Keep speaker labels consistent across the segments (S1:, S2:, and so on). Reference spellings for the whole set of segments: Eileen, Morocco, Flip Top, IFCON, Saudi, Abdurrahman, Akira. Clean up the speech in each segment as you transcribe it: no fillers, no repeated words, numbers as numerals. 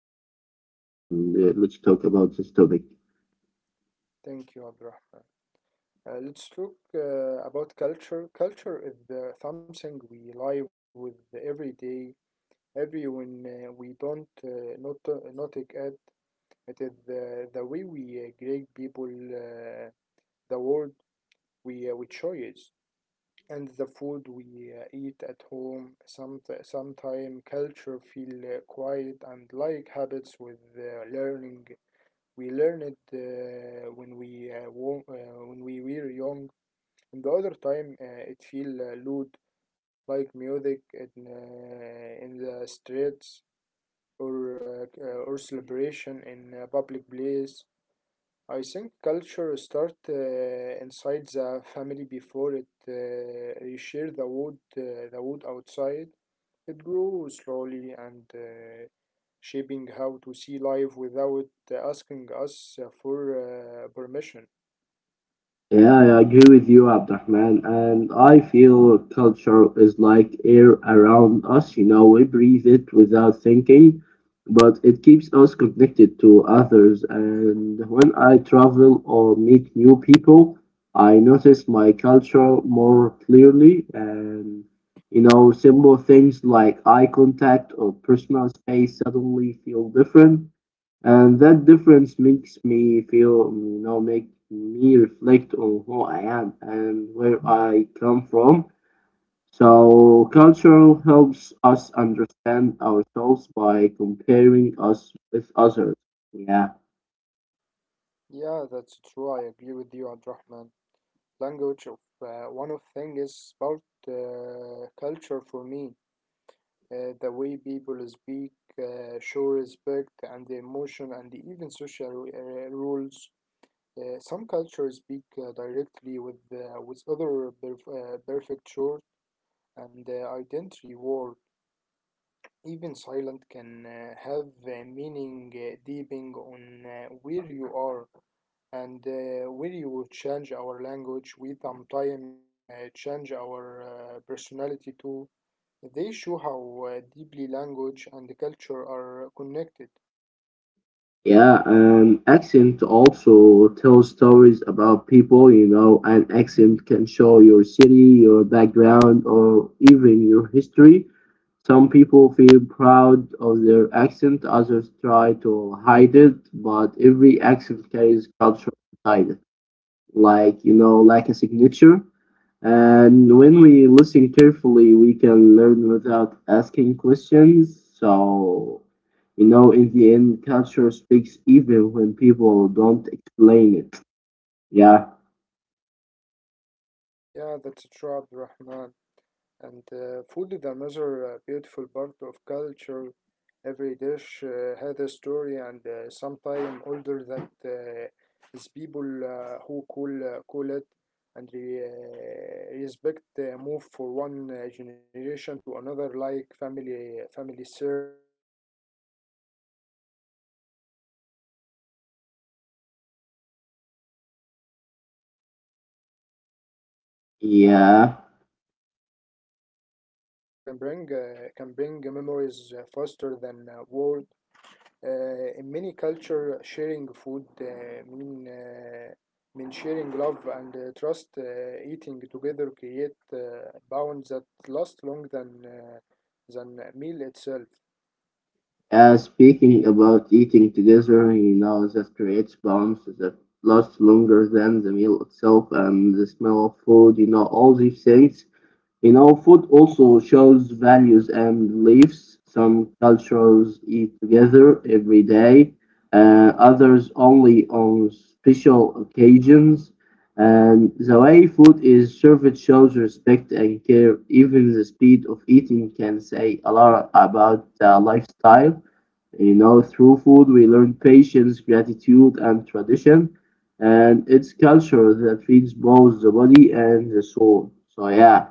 S1: you today. And let's talk about this topic.
S2: Thank you, Abdurrahman. Let's talk about culture. Culture is something we live with every day. Everyone we don't not take it. It is the way we greet people, the world we choose, and the food we eat at home. Sometime culture feel quiet and like habits with learning. We learn it when we were young, and the other time it feel loud, like music in the streets or celebration in a public place. I think culture start inside the family before it reshares the wood outside. It grows slowly and shaping how to see life without asking us for permission.
S1: Yeah, yeah, I agree with you, Abdurrahman, and I feel culture is like air around us. You know, we breathe it without thinking, but it keeps us connected to others. And when I travel or meet new people, I notice my culture more clearly. You know, simple things like eye contact or personal space suddenly feel different, and that difference makes me feel you know make me reflect on who I am and where I come from. So culture helps us understand ourselves by comparing us with others. Yeah.
S2: Yeah, that's true. I agree with you, Abdurrahman. Language of one of thing is about culture for me. The way people speak, show respect, and emotion, and even social rules. Some cultures speak directly with other prefecture and identity word. Even silent can have a meaning depending on where you are and where you change our language. We sometimes change our personality too. They show how deeply language and culture are connected.
S1: Yeah, and accent also tells stories about people. You know, an accent can show your city, your background, or even your history. Some people feel proud of their accent, others try to hide it, but every accent carries culture inside it, like, you know, like a signature. And when we listen carefully we can learn without asking questions. So, you know, in the end culture speaks even when people don't explain it. Yeah.
S2: Yeah, that's true, Abd Rahman. And food is another beautiful part of culture. Every dish has a story, and sometimes older that is people who call it and respect move for one generation to another, like family shares. And they the smell of food can bring
S1: Yeah,
S2: can bring can bring memories faster than word. In many culture, sharing food mean sharing love and trust. Eating together create bonds that last long than meal itself.
S1: speaking about eating together, you know that creates bonds that last longer than the meal itself, and the smell of food, you know, all these things. You know, food also shows values and beliefs. Some cultures eat together every day, others only on special occasions. And the way food is served shows respect and care. Even the speed of eating can say a lot about lifestyle. You know, through food, we learn patience, gratitude, and tradition. And it's culture that feeds both the body and the soul. So, yeah.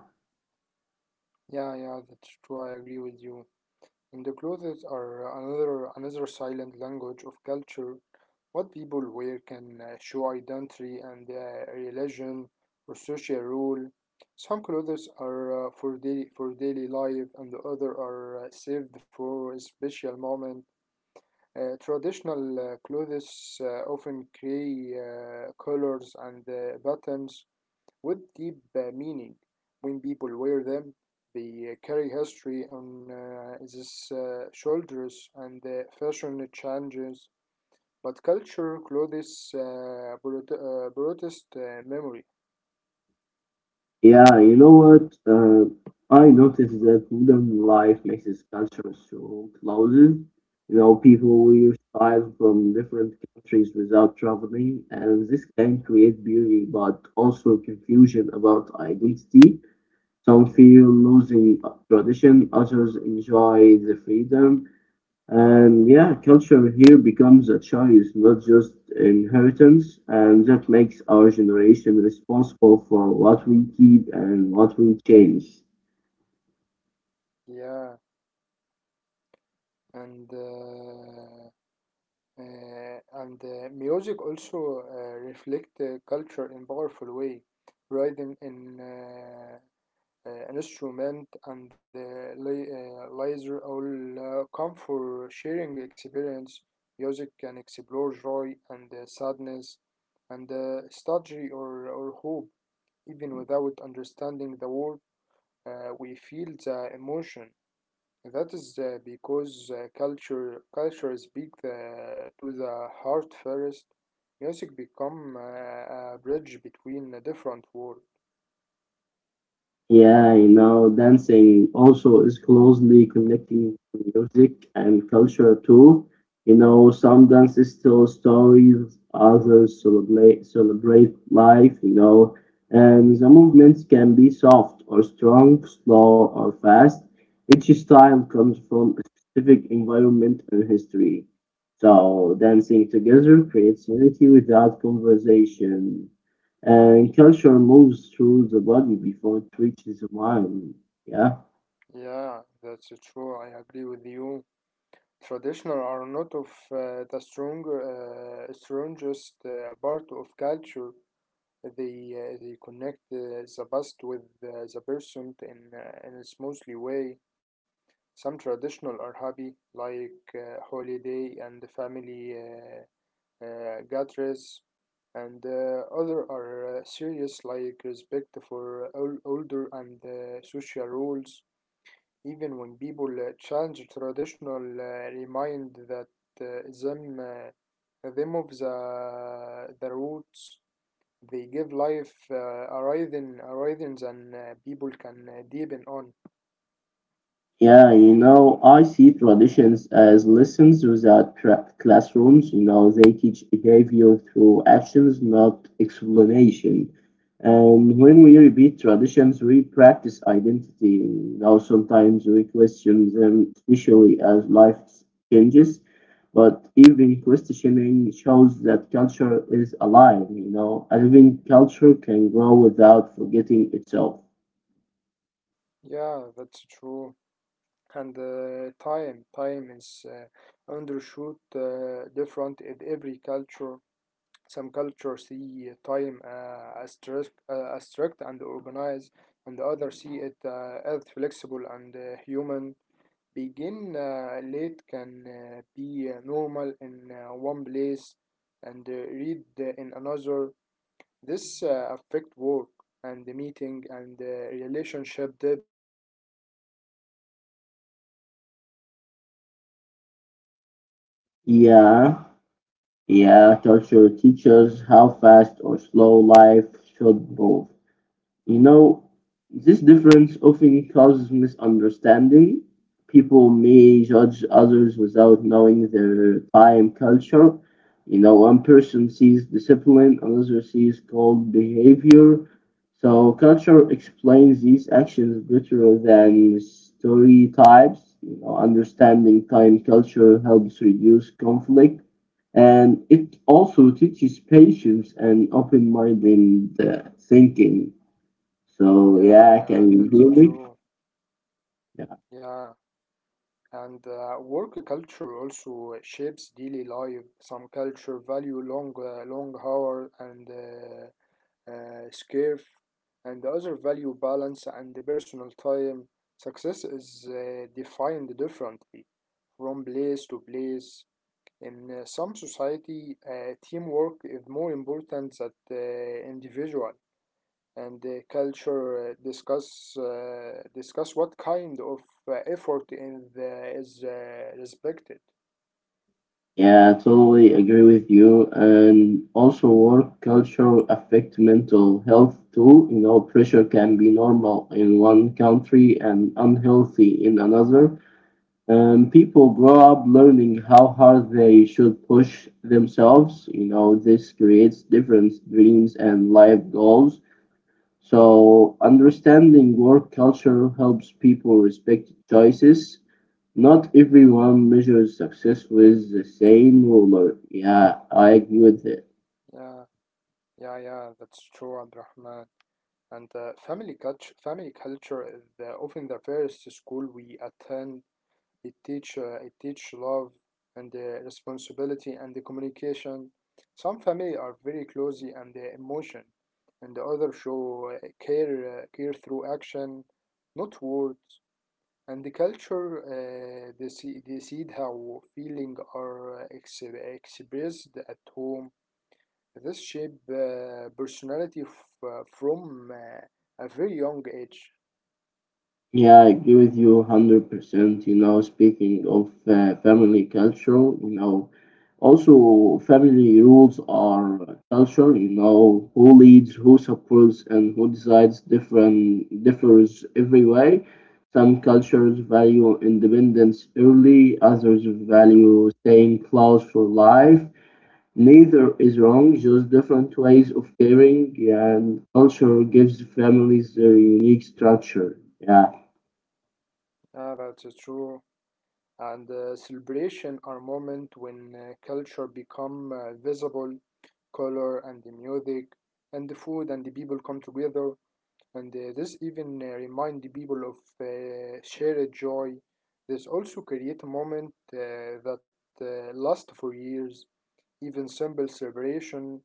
S2: Yeah, yeah, that's true. I agree with you. And the clothes are another silent language of culture. What people wear can show identity and religion or social rule. Some clothes are for daily life, and the other are saved for a special moment. Traditional clothes often carry colors and patterns with deep meaning. When people wear them, they carry history on these shoulders, and the fashion changes. But culture clothes protest memory.
S1: Yeah, you know what? I noticed that modern life mixes culture so closes. You know, people wear styles from different countries without traveling, and this can create beauty but also confusion about identity. Some feel losing tradition, others enjoy the freedom. And yeah, culture here becomes a choice, not just inheritance, and that makes our generation responsible for what we keep and what we change.
S2: Yeah, and uh, and music also reflect culture in powerful way. Writing in uh, instrument and laser all come for sharing experience. Music can explore joy and sadness and strategy or hope. Even without understanding the word, we feel the emotion. That is because culture speaks to the heart first. Music become a bridge between a different world.
S1: Yeah, you know, dancing also is closely connecting to music and culture too. You know, some dances tell stories, others celebrate life, you know, and the movements can be soft or strong, slow or fast. Each style comes from a specific environment and history. So dancing together creates unity without conversation, and culture moves through the body before it reaches the mind. Yeah.
S2: Yeah, that's true. I agree with you. Traditional are not of the strongest part of culture. They connect the past with the person in a smoothly way. Some traditional are happy, like holiday and the family gatherings, and other are serious, like respect for older and social rules. Even when people challenge traditional, remind that them of the roots. They give life a rhythm than people can deepen on.
S1: Yeah, you know, I see traditions as lessons without classrooms. You know, they teach behavior through actions, not explanation. And when we repeat traditions, we practice identity. You know, sometimes we question them, especially as life changes. But even questioning shows that culture is alive. You know, a living culture can grow without forgetting itself.
S2: Yeah, that's true. And time is understood different in every culture. Some cultures see time as strict and organized, and others see it as flexible and human. Begin late can be normal in one place and read in another. This affect work and the meeting and relationship deeply. And the culture teaching us how fast our
S1: Yeah.
S2: slow life
S1: Yeah, culture teaches
S2: should
S1: how
S2: move.
S1: fast or slow life should move. You know, this difference often causes misunderstanding. People may judge others without knowing their time culture. You know, one person sees discipline, another sees cold behavior. So culture explains these actions better than stereotypes. You know, understanding time culture helps reduce conflict, and it also teaches patience and open-minded thinking. So yeah,
S2: Yeah,
S1: I
S2: yeah,
S1: can do
S2: that's
S1: it.
S2: true.
S1: Yeah,
S2: Yeah. And work culture also shapes daily life. Some culture value long hour and scarf, and other value balance and the personal time. Success is defined differently from place to place. In some society, teamwork is more important than individual and the culture discuss what kind of effort is respected.
S1: yeah, I totally agree with you. And also, work culture affect mental health too. You know, pressure can be normal in one country and unhealthy in another. And people grow up learning how hard they should push themselves. You know, this creates different dreams and life goals. So, understanding work culture helps people respect choices. Not everyone measures success with the same ruler. Yeah, I agree with it.
S2: Yeah, yeah, yeah. That's true, Abdurrahman. And family culture is often the first school we attend. It teach love and responsibility and the communication. Some family are very closey and the emotion, and the other show care through action, not words. And the culture decide how feeling are expressed at home. This shape personality from a very young age.
S1: Yeah, I agree with you 100%. You know, speaking of family culture, you know, also family rules are culture. You know, who leads, who supports, and who decides different differs every way. Some cultures value independence early, others value staying close for life. Neither is wrong, just different ways of caring, and culture gives families their unique structure. Yeah,
S2: Yeah, that's true. And celebration are moment when culture become visible, color and the music and the food and the people come together. And this even remind the people of shared joy. This also create a moment that last for years. Even simple celebration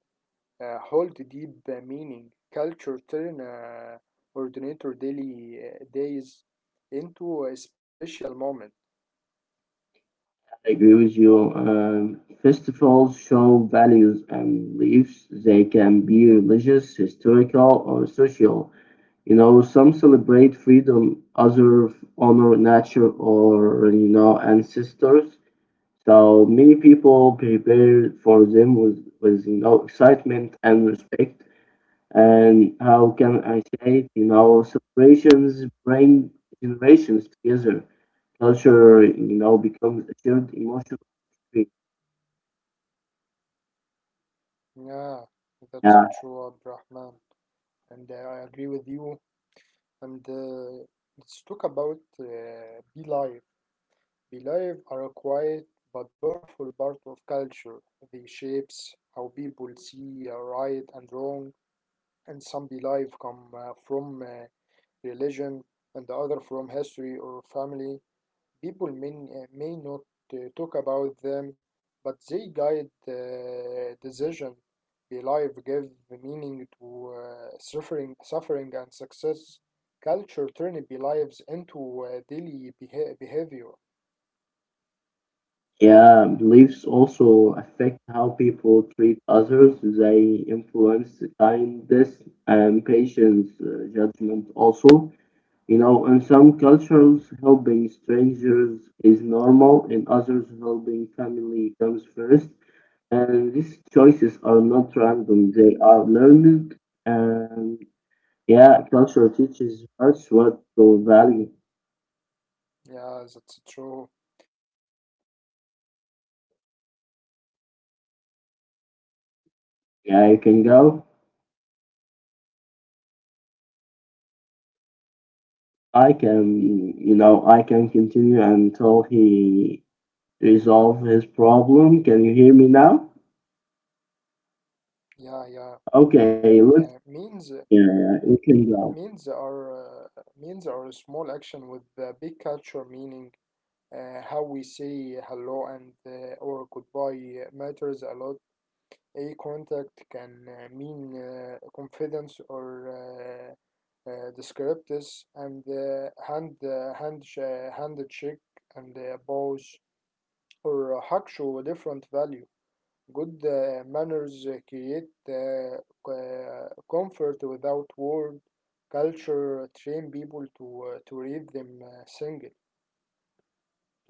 S2: hold deep meaning. Culture turn ordinary daily days into a special moment.
S1: I agree with you. Festivals show values and beliefs. They can be religious, historical, or social. You know, some celebrate freedom, others honor nature or, you know, ancestors. So many people prepare for them with, you know, excitement and respect. And how can I say it? You know, celebrations bring generations together. Culture, you know, becomes a shared emotional experience.
S2: Yeah,
S1: Yeah,
S2: that's true, Abrahman, and I agree with you. And let's talk about be life. Beliefs are a quiet but powerful part of culture. They shapes how people see right and wrong, and some beliefs come from religion and the other from history or family. People may not talk about them, but they guide decision. Beliefs give meaning to suffering and success. Culture turns beliefs into daily behavior.
S1: yeah. Beliefs also affect how people treat others. They influence kindness and patience, judgment also. You know, in some cultures, helping strangers is normal, in others, helping family comes first. And these choices are not random, they are learned. And yeah, culture teaches us what to value.
S2: Yeah, that's true. And manners are small action with big
S1: Yeah, you can
S2: culture
S1: go.
S2: meaning. How we say hello or
S1: I can, you know, I can continue until he resolve his problem. Can you hear me now?
S2: yeah, yeah.
S1: Okay,
S2: Uh, means
S1: yeah, you can go.
S2: means are a small action with big culture meaning. How we say hello and or goodbye matters a lot. Eye contact can mean confidence or The script is and the hand check and the bows or hug show different value. Good manners create comfort without word. Culture train people to read them single.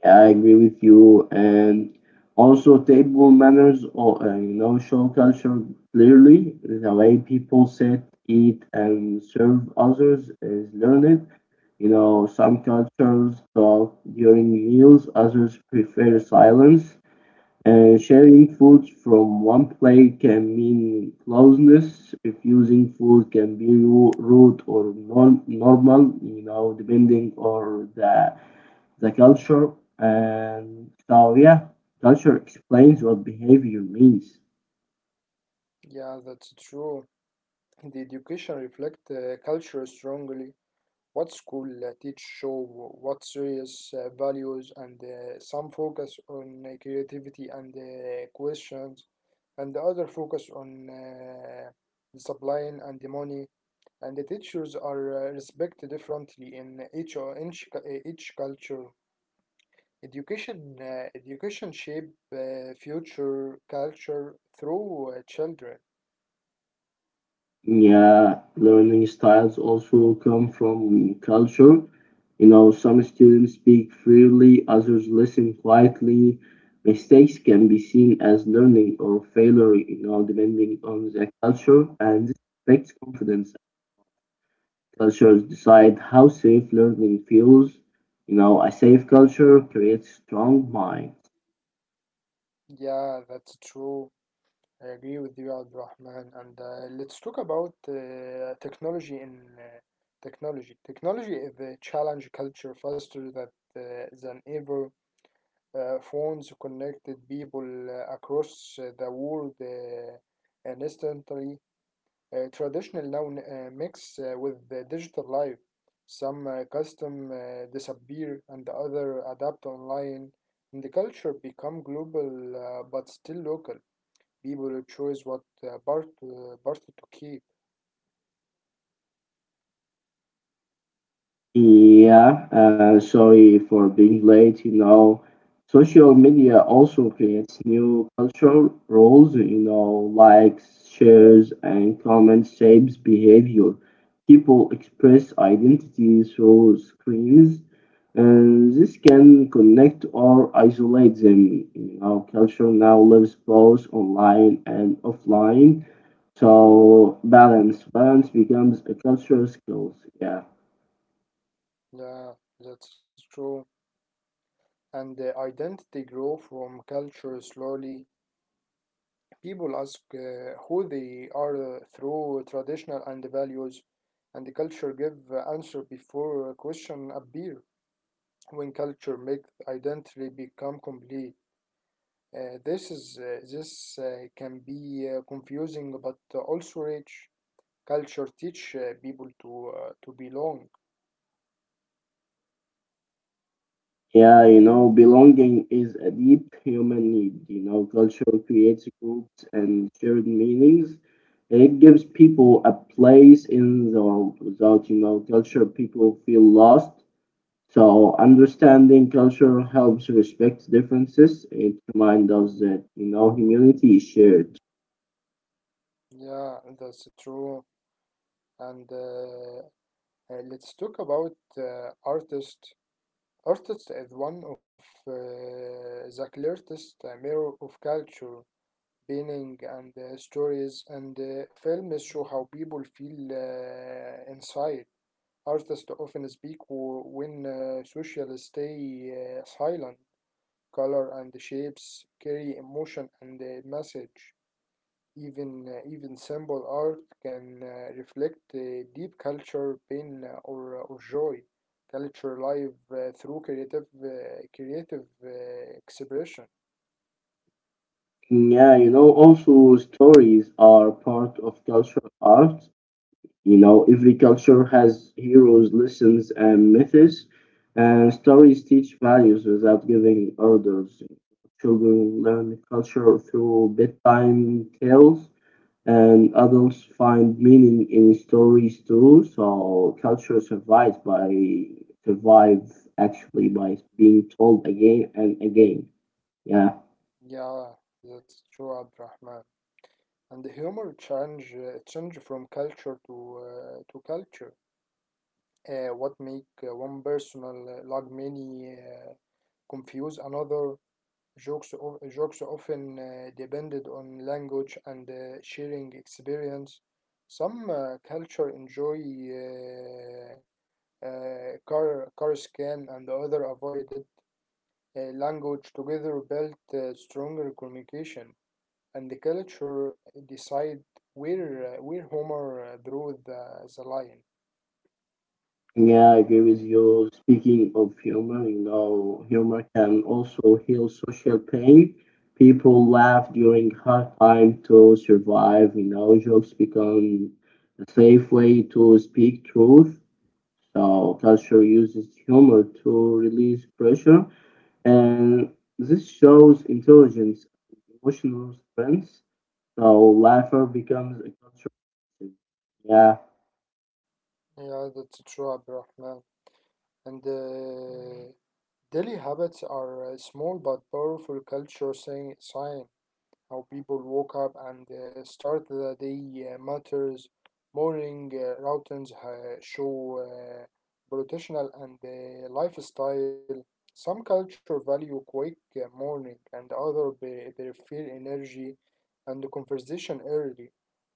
S1: I agree with you. And also, table manners, or you know, show culture clearly. The way people sit, eat, and serve others is learned. You know, some cultures talk during meals, others prefer silence. Sharing food from one plate can mean closeness. Refusing food can be rude or non normal, you know, depending on the culture. And so, yeah, culture explains what behavior means.
S2: Yeah, that's true. The education reflect culture strongly. What school teach show what serious values and some focus on creativity and questions, and the other focus on discipline and the money. And the teachers are respected differently in each, each culture. Education shape future culture through children.
S1: Yeah, learning styles also come from culture. You know, some students speak freely, others listen quietly. Mistakes can be seen as learning or failure, you know, depending on the culture, and this affects confidence. Cultures decide how safe learning feels. You know, a safe culture creates strong mind.
S2: Yeah, that's true. I agree with you, Abdurrahman. And let's talk about technology in technology. Technology is a challenge culture faster than ever. Phones connected people across the world instantly. Traditional now mix with the digital life. Some custom disappear and other adapt online, and the culture become global but still local. People choose what part to keep.
S1: Yeah, sorry for being late. You know, social media also creates new cultural roles. You know, likes, shares, and comments shapes behavior. People express identity through screens, and this can connect or isolate them. You know, culture now lives both online and offline, so balance becomes a cultural skill. Yeah.
S2: Yeah, that's true. And identity grow from culture slowly. People ask who they are through traditional and values, and the culture give answer before question appear. When culture make identity become complete, this is this can be confusing, but also rich. Culture teach people to belong.
S1: Yeah, you know, belonging is a deep human need. You know, culture creates groups and shared meanings, and it gives people a place in the world. Without, you know, culture, people feel lost. So, understanding culture helps respect differences. It reminds us that, you know, humanity is shared.
S2: Yeah, that's true. And let's talk about artist. Artist is one of the clearest mirror of culture, painting and stories and films show how people feel inside. Artists often speak when social stay silent. Color and shapes carry emotion and message. Even simple art can reflect deep culture, pain, or joy. Culture live through creative expression.
S1: Yeah, you know, also stories are part of cultural art. You know, every culture has heroes, lessons, and myths, and stories
S2: Yes,
S1: teach values without giving orders. Children learn culture through bedtime tales, and adults find meaning in stories too. So culture survive actually by being told again and again. Yeah.
S2: yeah, that's true, Abdurrahman. And the humor change from culture to culture. What make one personal like many confuse another. Jokes often depended on language and sharing experience. Some culture enjoy car scan and other avoided language together built stronger communication. And the culture decide where Homer drew the line.
S1: Yeah, I agree with you. Speaking of humor, you know, humor can also heal social pain. People laugh during hard time to survive. You know, jokes become a safe way to speak truth. So culture uses humor to release pressure, and this shows intelligence and emotional strength. So laughter becomes a cultural. Yeah.
S2: Yeah, that's true, Abdurrahman. And mm-hmm. Daily habits are a small but powerful culture sign. How people woke up and start the day matters. Morning routines show professional and lifestyle. Some culture value quick morning, and other prefer energy and conversation early.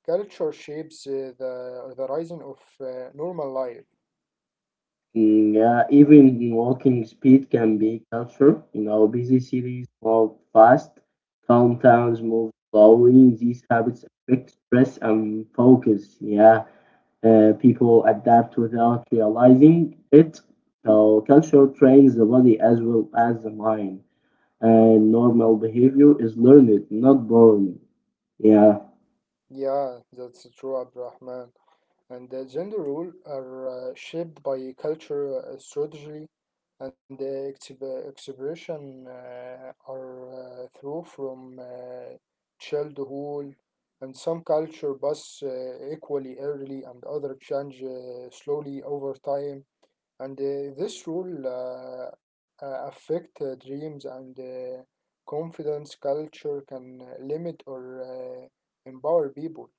S2: Culture shapes the horizon of normal life.
S1: Mm, yeah, even walking speed can be culture. In our busy cities, walk fast. Calm towns move slowly. These habits affect stress and focus. Yeah, people adapt without realizing it. So culture trains the body as well as the mind, and normal behavior is learned, not born. Yeah.
S2: Yeah, that's true, Abdurrahman. And gender role are shaped by culture, strategy, and the exhibition are through from childhood, and some culture pass equally early, and other change slowly over time. And this rule affect dreams and confidence. Culture can limit or empower people.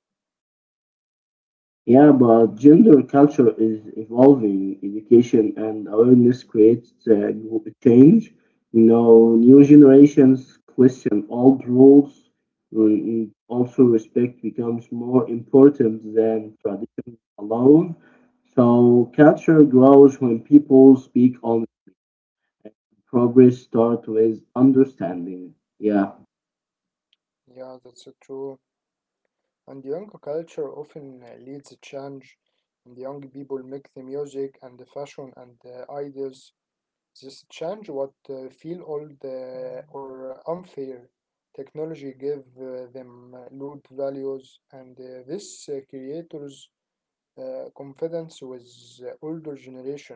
S1: Yeah, but gender culture is evolving. Education and awareness creates change. You know, new generations question old rules. Mm, also, respect becomes more important than tradition alone. So, culture grows when people speak on progress, start with understanding. Yeah.
S2: Yeah, that's true. And young culture often leads change, and young people make the music and the fashion and the ideas. This change what feel old or unfair. Technology give them loud values, and this creators confidence with older generation.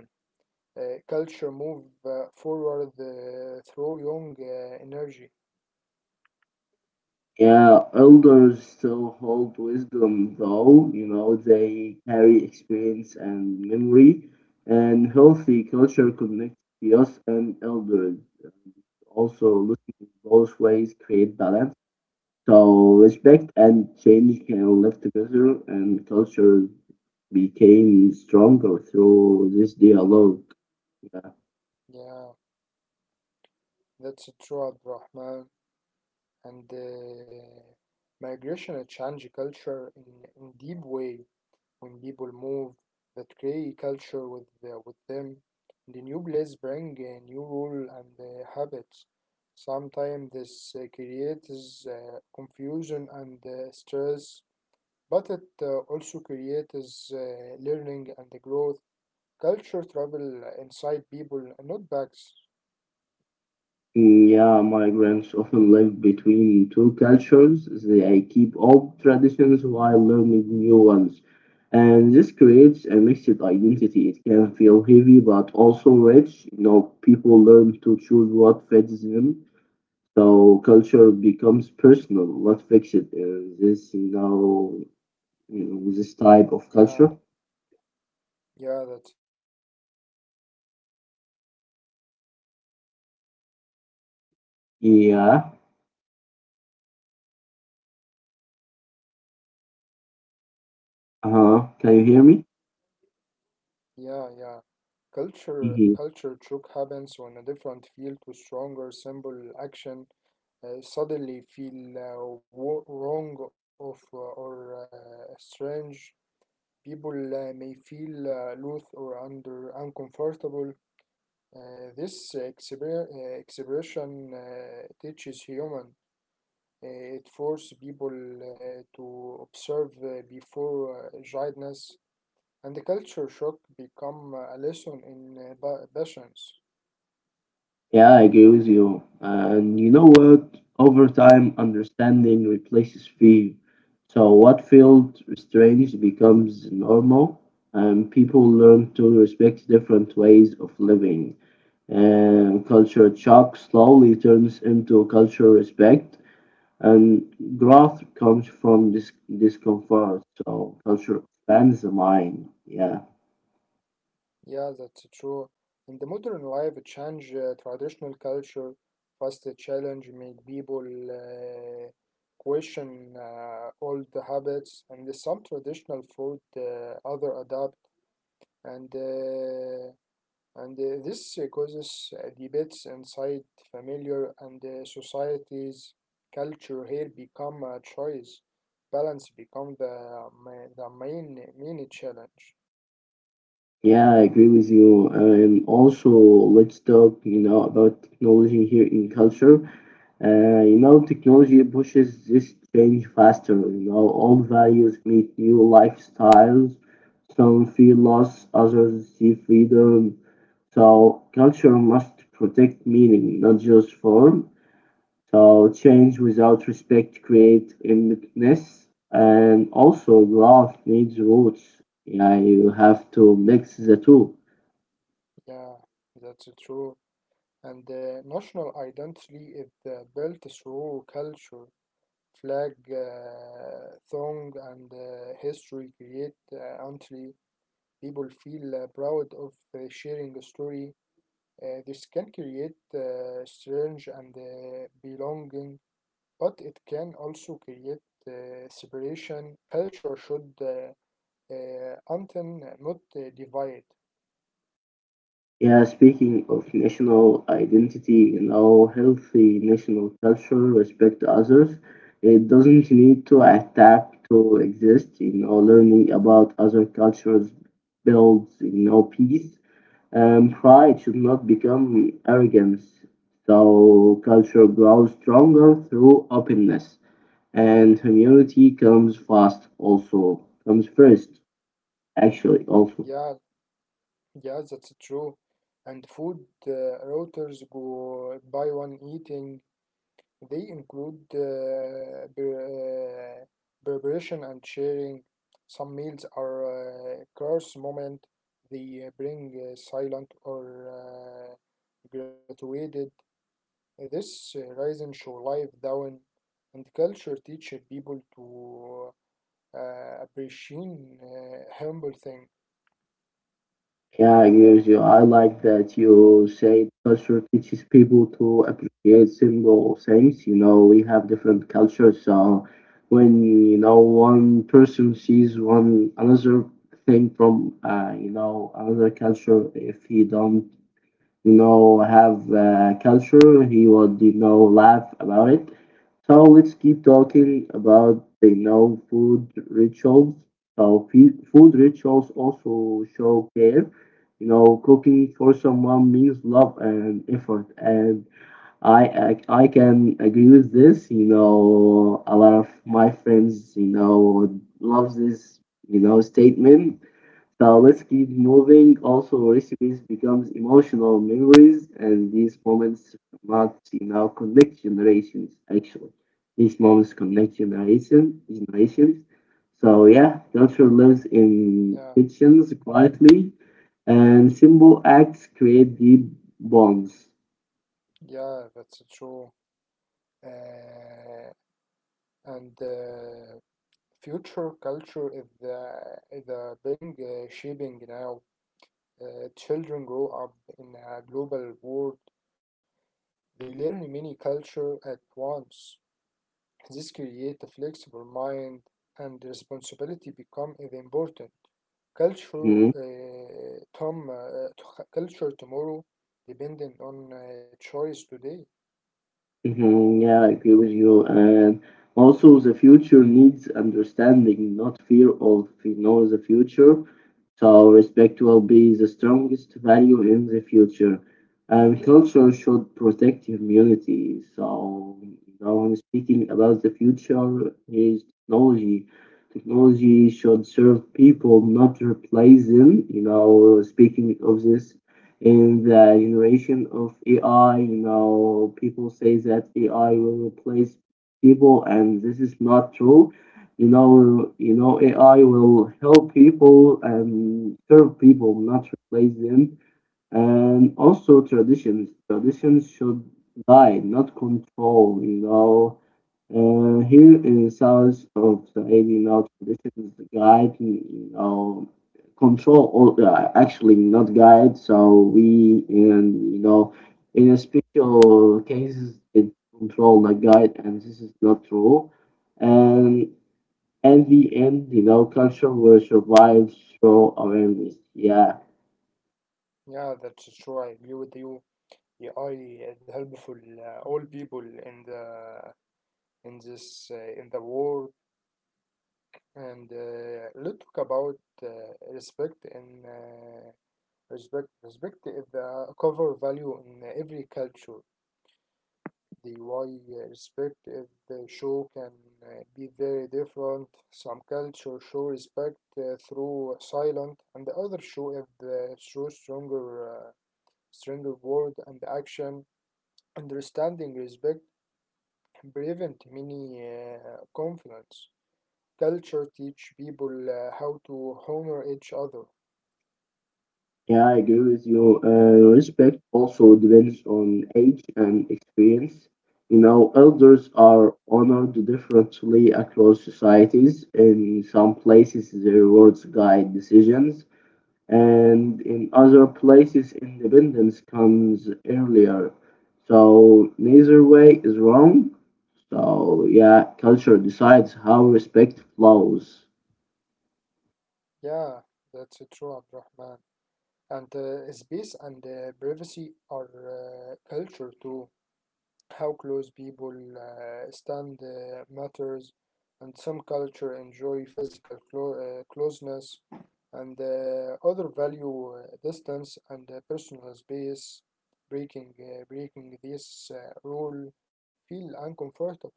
S2: Culture move forward through young energy.
S1: Yeah, elders still hold wisdom, though. You know, they carry experience and memory, and healthy culture connects youth and elders. Also, listening both ways create balance. So, respect and change can live together, and culture became stronger through this dialogue. Yeah.
S2: Yeah, that's true, Abdurrahman. And migration change culture in deep way when people move that create culture with with them, and the new place bring a new rule and habits. Sometimes this creates confusion and stress, but it also creates learning and the growth. Culture travel inside people, not bags.
S1: Yeah, migrants often live between two cultures. They keep old traditions while learning new ones. And this creates a mixed identity. It can feel heavy but also rich. You know, people learn to choose what fits them. So culture becomes personal, not fixed. This, you know, this type
S2: Yeah,
S1: of culture.
S2: yeah, that's true. Culture shock happens when a different feel to a
S1: Yeah.
S2: strong.
S1: Uh-huh. Can you hear me?
S2: Yeah, yeah. Culture shock happens when a different feel to stronger simple action suddenly feel wrong of or strange. People may feel loath or under uncomfortable. This expression teaches human. Uh, it forces people to observe before judgments, and the culture shock become a lesson in patience.
S1: Yeah, I agree with you. And you know what? Over time, understanding replaces fear. So, what felt strange becomes normal, and people learn to respect different ways of living. And culture shock slowly turns into cultural respect, and growth comes from this discomfort. So, culture expands the mind. Yeah.
S2: Yeah, that's true. In the modern life, it change traditional culture, fast challenge make people question old habits, and some traditional food other adapt, and uh, and this causes debates inside familiar and societies. Culture here become a choice. Balance become the main challenge.
S1: Yeah, I agree with you. And also, let's talk, you know, about technology here in culture. You know, technology pushes this change faster. You know, old values meet new lifestyles. Some feel loss, others see freedom. So culture must protect meaning, not just form. So change without respect creates emptiness, and also growth needs roots. Yeah, you have to mix the two.
S2: Yeah, that's true. And national identity is built through culture, flag, song, and history create until people feel proud of sharing a story. This can create strange and belonging, but it can also create separation. Culture should not divide.
S1: Yeah, speaking of national identity, you know, healthy national culture respect others. It doesn't need to attack to exist. You know, learning about other cultures builds, you know, peace. Pride should not become arrogance. So culture grows stronger through openness, and humility comes fast. Also, comes first. Actually, also.
S2: Yeah, yeah, that's true. And food routers go by one eating. They include preparation and sharing. Some meals are course moment. They bring silent or graduated. This rise and show life down, and culture teach people to appreciate humble thing.
S1: Yeah, I agree with you. I like that you say culture teaches people to appreciate simple things. You know, we have different cultures, so when you know one person sees one another thing from you know another culture, if he don't you know have culture he would you know laugh about it. So let's keep talking about you know food rituals. So food rituals also show care. You know, cooking for someone means love and effort and i I can agree with this. You know, a lot of my friends you know love this you know statement. So let's keep moving. Also, recipes becomes emotional memories, and these moments must you now connect generations. Actually, these moments connect generations. So yeah, culture lives
S2: Yeah,
S1: in kitchens quietly, and simple acts create deep bonds.
S2: yeah, that's true. Uh, and Future culture is the is a being shaping now. Children grow up in a global world. They learn many cultures at once. This creates a flexible mind, and responsibility become is important.
S1: Hmm?
S2: Culture tomorrow, depending on choice today.
S1: Mhm. Yeah, I agree with you. And also, the future needs understanding, not fear of you know the future. So respect will be the strongest value in the future. And culture should protect humanity. So now I'm speaking about the future is technology. Technology should serve people, not replace them. You know, speaking of this in the generation of AI, you know, people say that AI will replace people, and this is not true. You know, AI will help people and serve people, not replace them. And also traditions. Traditions should guide, not control, you know. Here in the south of Saudi, you know, traditions guide, you know, control, all, actually not guide. So we, and you know, in a special cases, it control, not guide, and this is not true. And at the end, you know, culture will survive through awareness. Yeah.
S2: Yeah, that's true. I agree with you. AI is helpful all people in the in this in the world, and let's talk about respect and respect is the cover value in every culture. The why respect if the show can be very different. Some culture show respect through silent and the other show if through stronger word and action. Understanding respect prevent many conflicts. Culture teach people how to honor each other.
S1: Yeah, I agree with you. Respect also depends on age and experience. You know, elders are honored differently across societies. In some places, their words guide decisions, and in other places, independence comes earlier. So, neither way is wrong. So, yeah, culture decides how respect flows.
S2: Yeah, that's true, Abdurrahman. And space and privacy are culture too. How close people stand matters, and some culture enjoy physical closeness, and other value distance and personal space. Breaking this rule feel uncomfortable,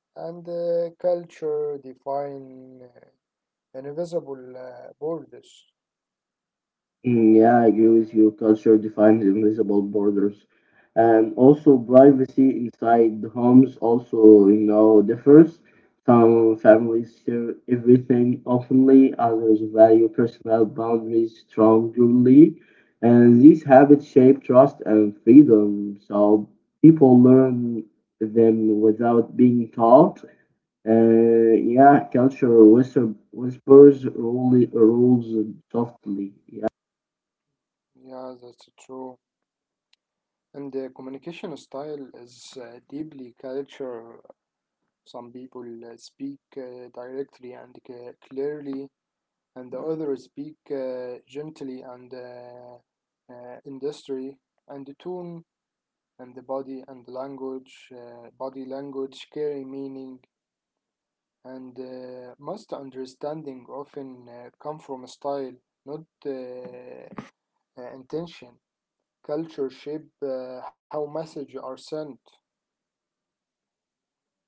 S2: and culture define invisible borders.
S1: Mm. Yeah, I agree with you. Culture defines invisible borders. And also privacy inside the homes also, you know, differs. Some families share everything openly, others value personal boundaries strongly. And these habits shape trust and freedom. So people learn them without being taught. Yeah, culture whispers, rules softly. Yeah.
S2: Yeah, that's true. And the communication style is deeply culture. Some people speak directly and clearly, and the others speak gently and industry, and the tone and the body and the body language carry meaning, and most understanding often come from style, not intention. Culture shape how messages are sent.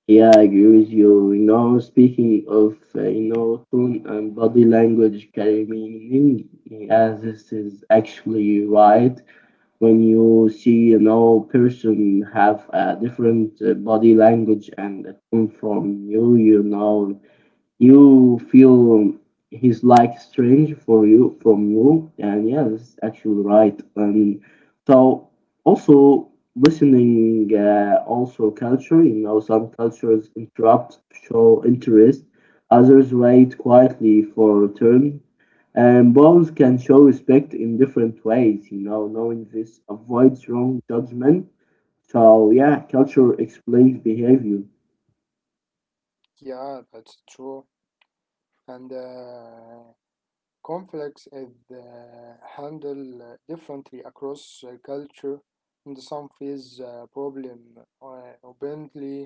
S1: Yeah, I agree with you. You know, speaking of, you know, tone and body language carry meaning, as this is actually right. When you see, you know, person have a different body language and a tone from you, you know, you feel he's like strange for you from you, and yeah, that's actually right. And so also listening also culture. You know, some cultures interrupt to show interest, others wait quietly for a turn, and both can show respect in different ways. You know, knowing this avoids wrong judgment. So yeah, culture explains behavior.
S2: Yeah, that's true. And conflicts is handled differently across culture, and some face problem openly,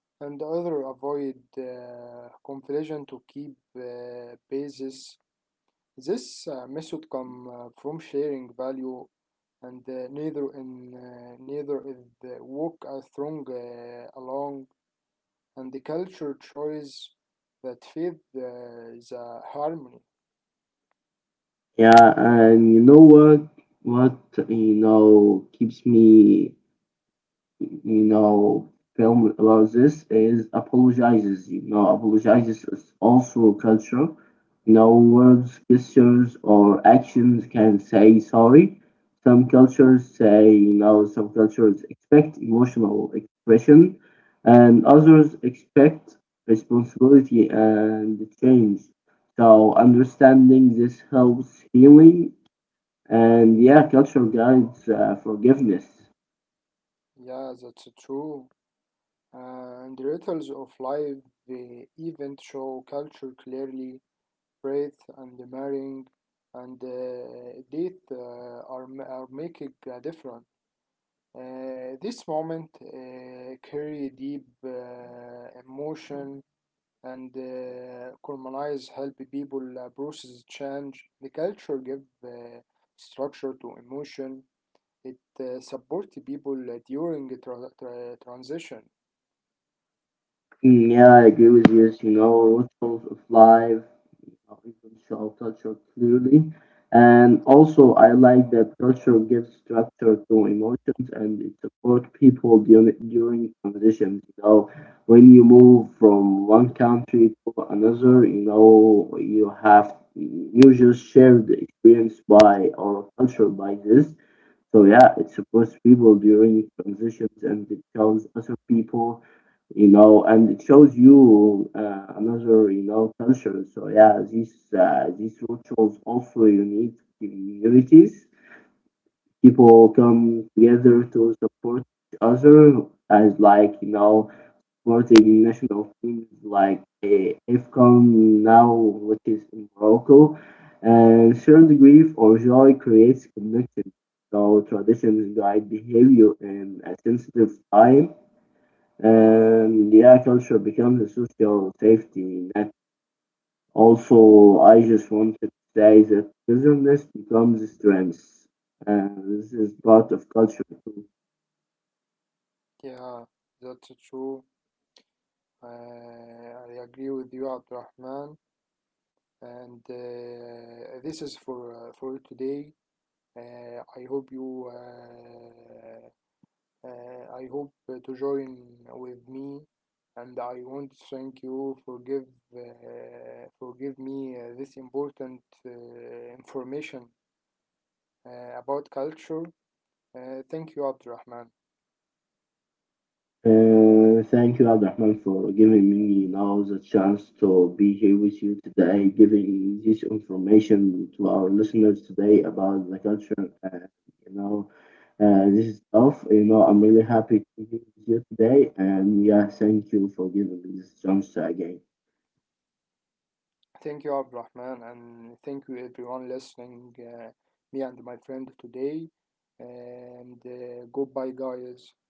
S2: and other avoid confliction to keep basis. This method come from sharing value, and neither is the work a strong along, and the culture choice that feed the harmony.
S1: Yeah, and you know what? What you know keeps me, you know, film about this is apologizes. You know, apologizes is also culture. You know, words, gestures, or actions can say sorry. Some cultures say, you know, some cultures expect emotional expression, and others expect responsibility and change. So understanding this helps healing, and yeah, culture guides forgiveness.
S2: Yeah, that's true. And rituals of life, the event show culture clearly. Birth and the marrying and death are making a difference. This moment carry deep emotion, and harmonize help people process change. The culture give structure to emotion. It support people during the transition.
S1: Mm. Yeah, I agree with you. You know, rituals of life, of show culture clearly. And also, I like that culture gives structure to emotions and it supports people during transitions. You know, when you move from one country to another, you know, you have you just share the experience by or culture by this. So yeah, it supports people during transitions and it shows other people, you know, and it shows you another, you know, culture. So yeah, these rituals also unite communities. People come together to support each other, as like you know supporting national teams like IFCON now, which is in Morocco. And shared grief or joy creates connection. So traditions guide behavior in a sensitive time. And yeah, culture becomes a social safety net. Also, I just wanted to say that togetherness becomes strength. And this is part of culture too.
S2: Yeah, that's true. I agree with you, Abdurrahman. And this is for today. Uh, I hope you uh, I hope to join with me, and I want to thank you for give forgive me this important uh, information about culture. Thank you, Abdurrahman.
S1: Thank you, Abdurrahman, for giving me now the chance to be here with you today, giving this information to our listeners today about the culture. And, you know, this is tough. You know, I'm really happy to be with you today. And yeah, thank you for giving me this chance again.
S2: Thank you, Abdurrahman, and thank you everyone listening. Me and my friend today, and goodbye, guys.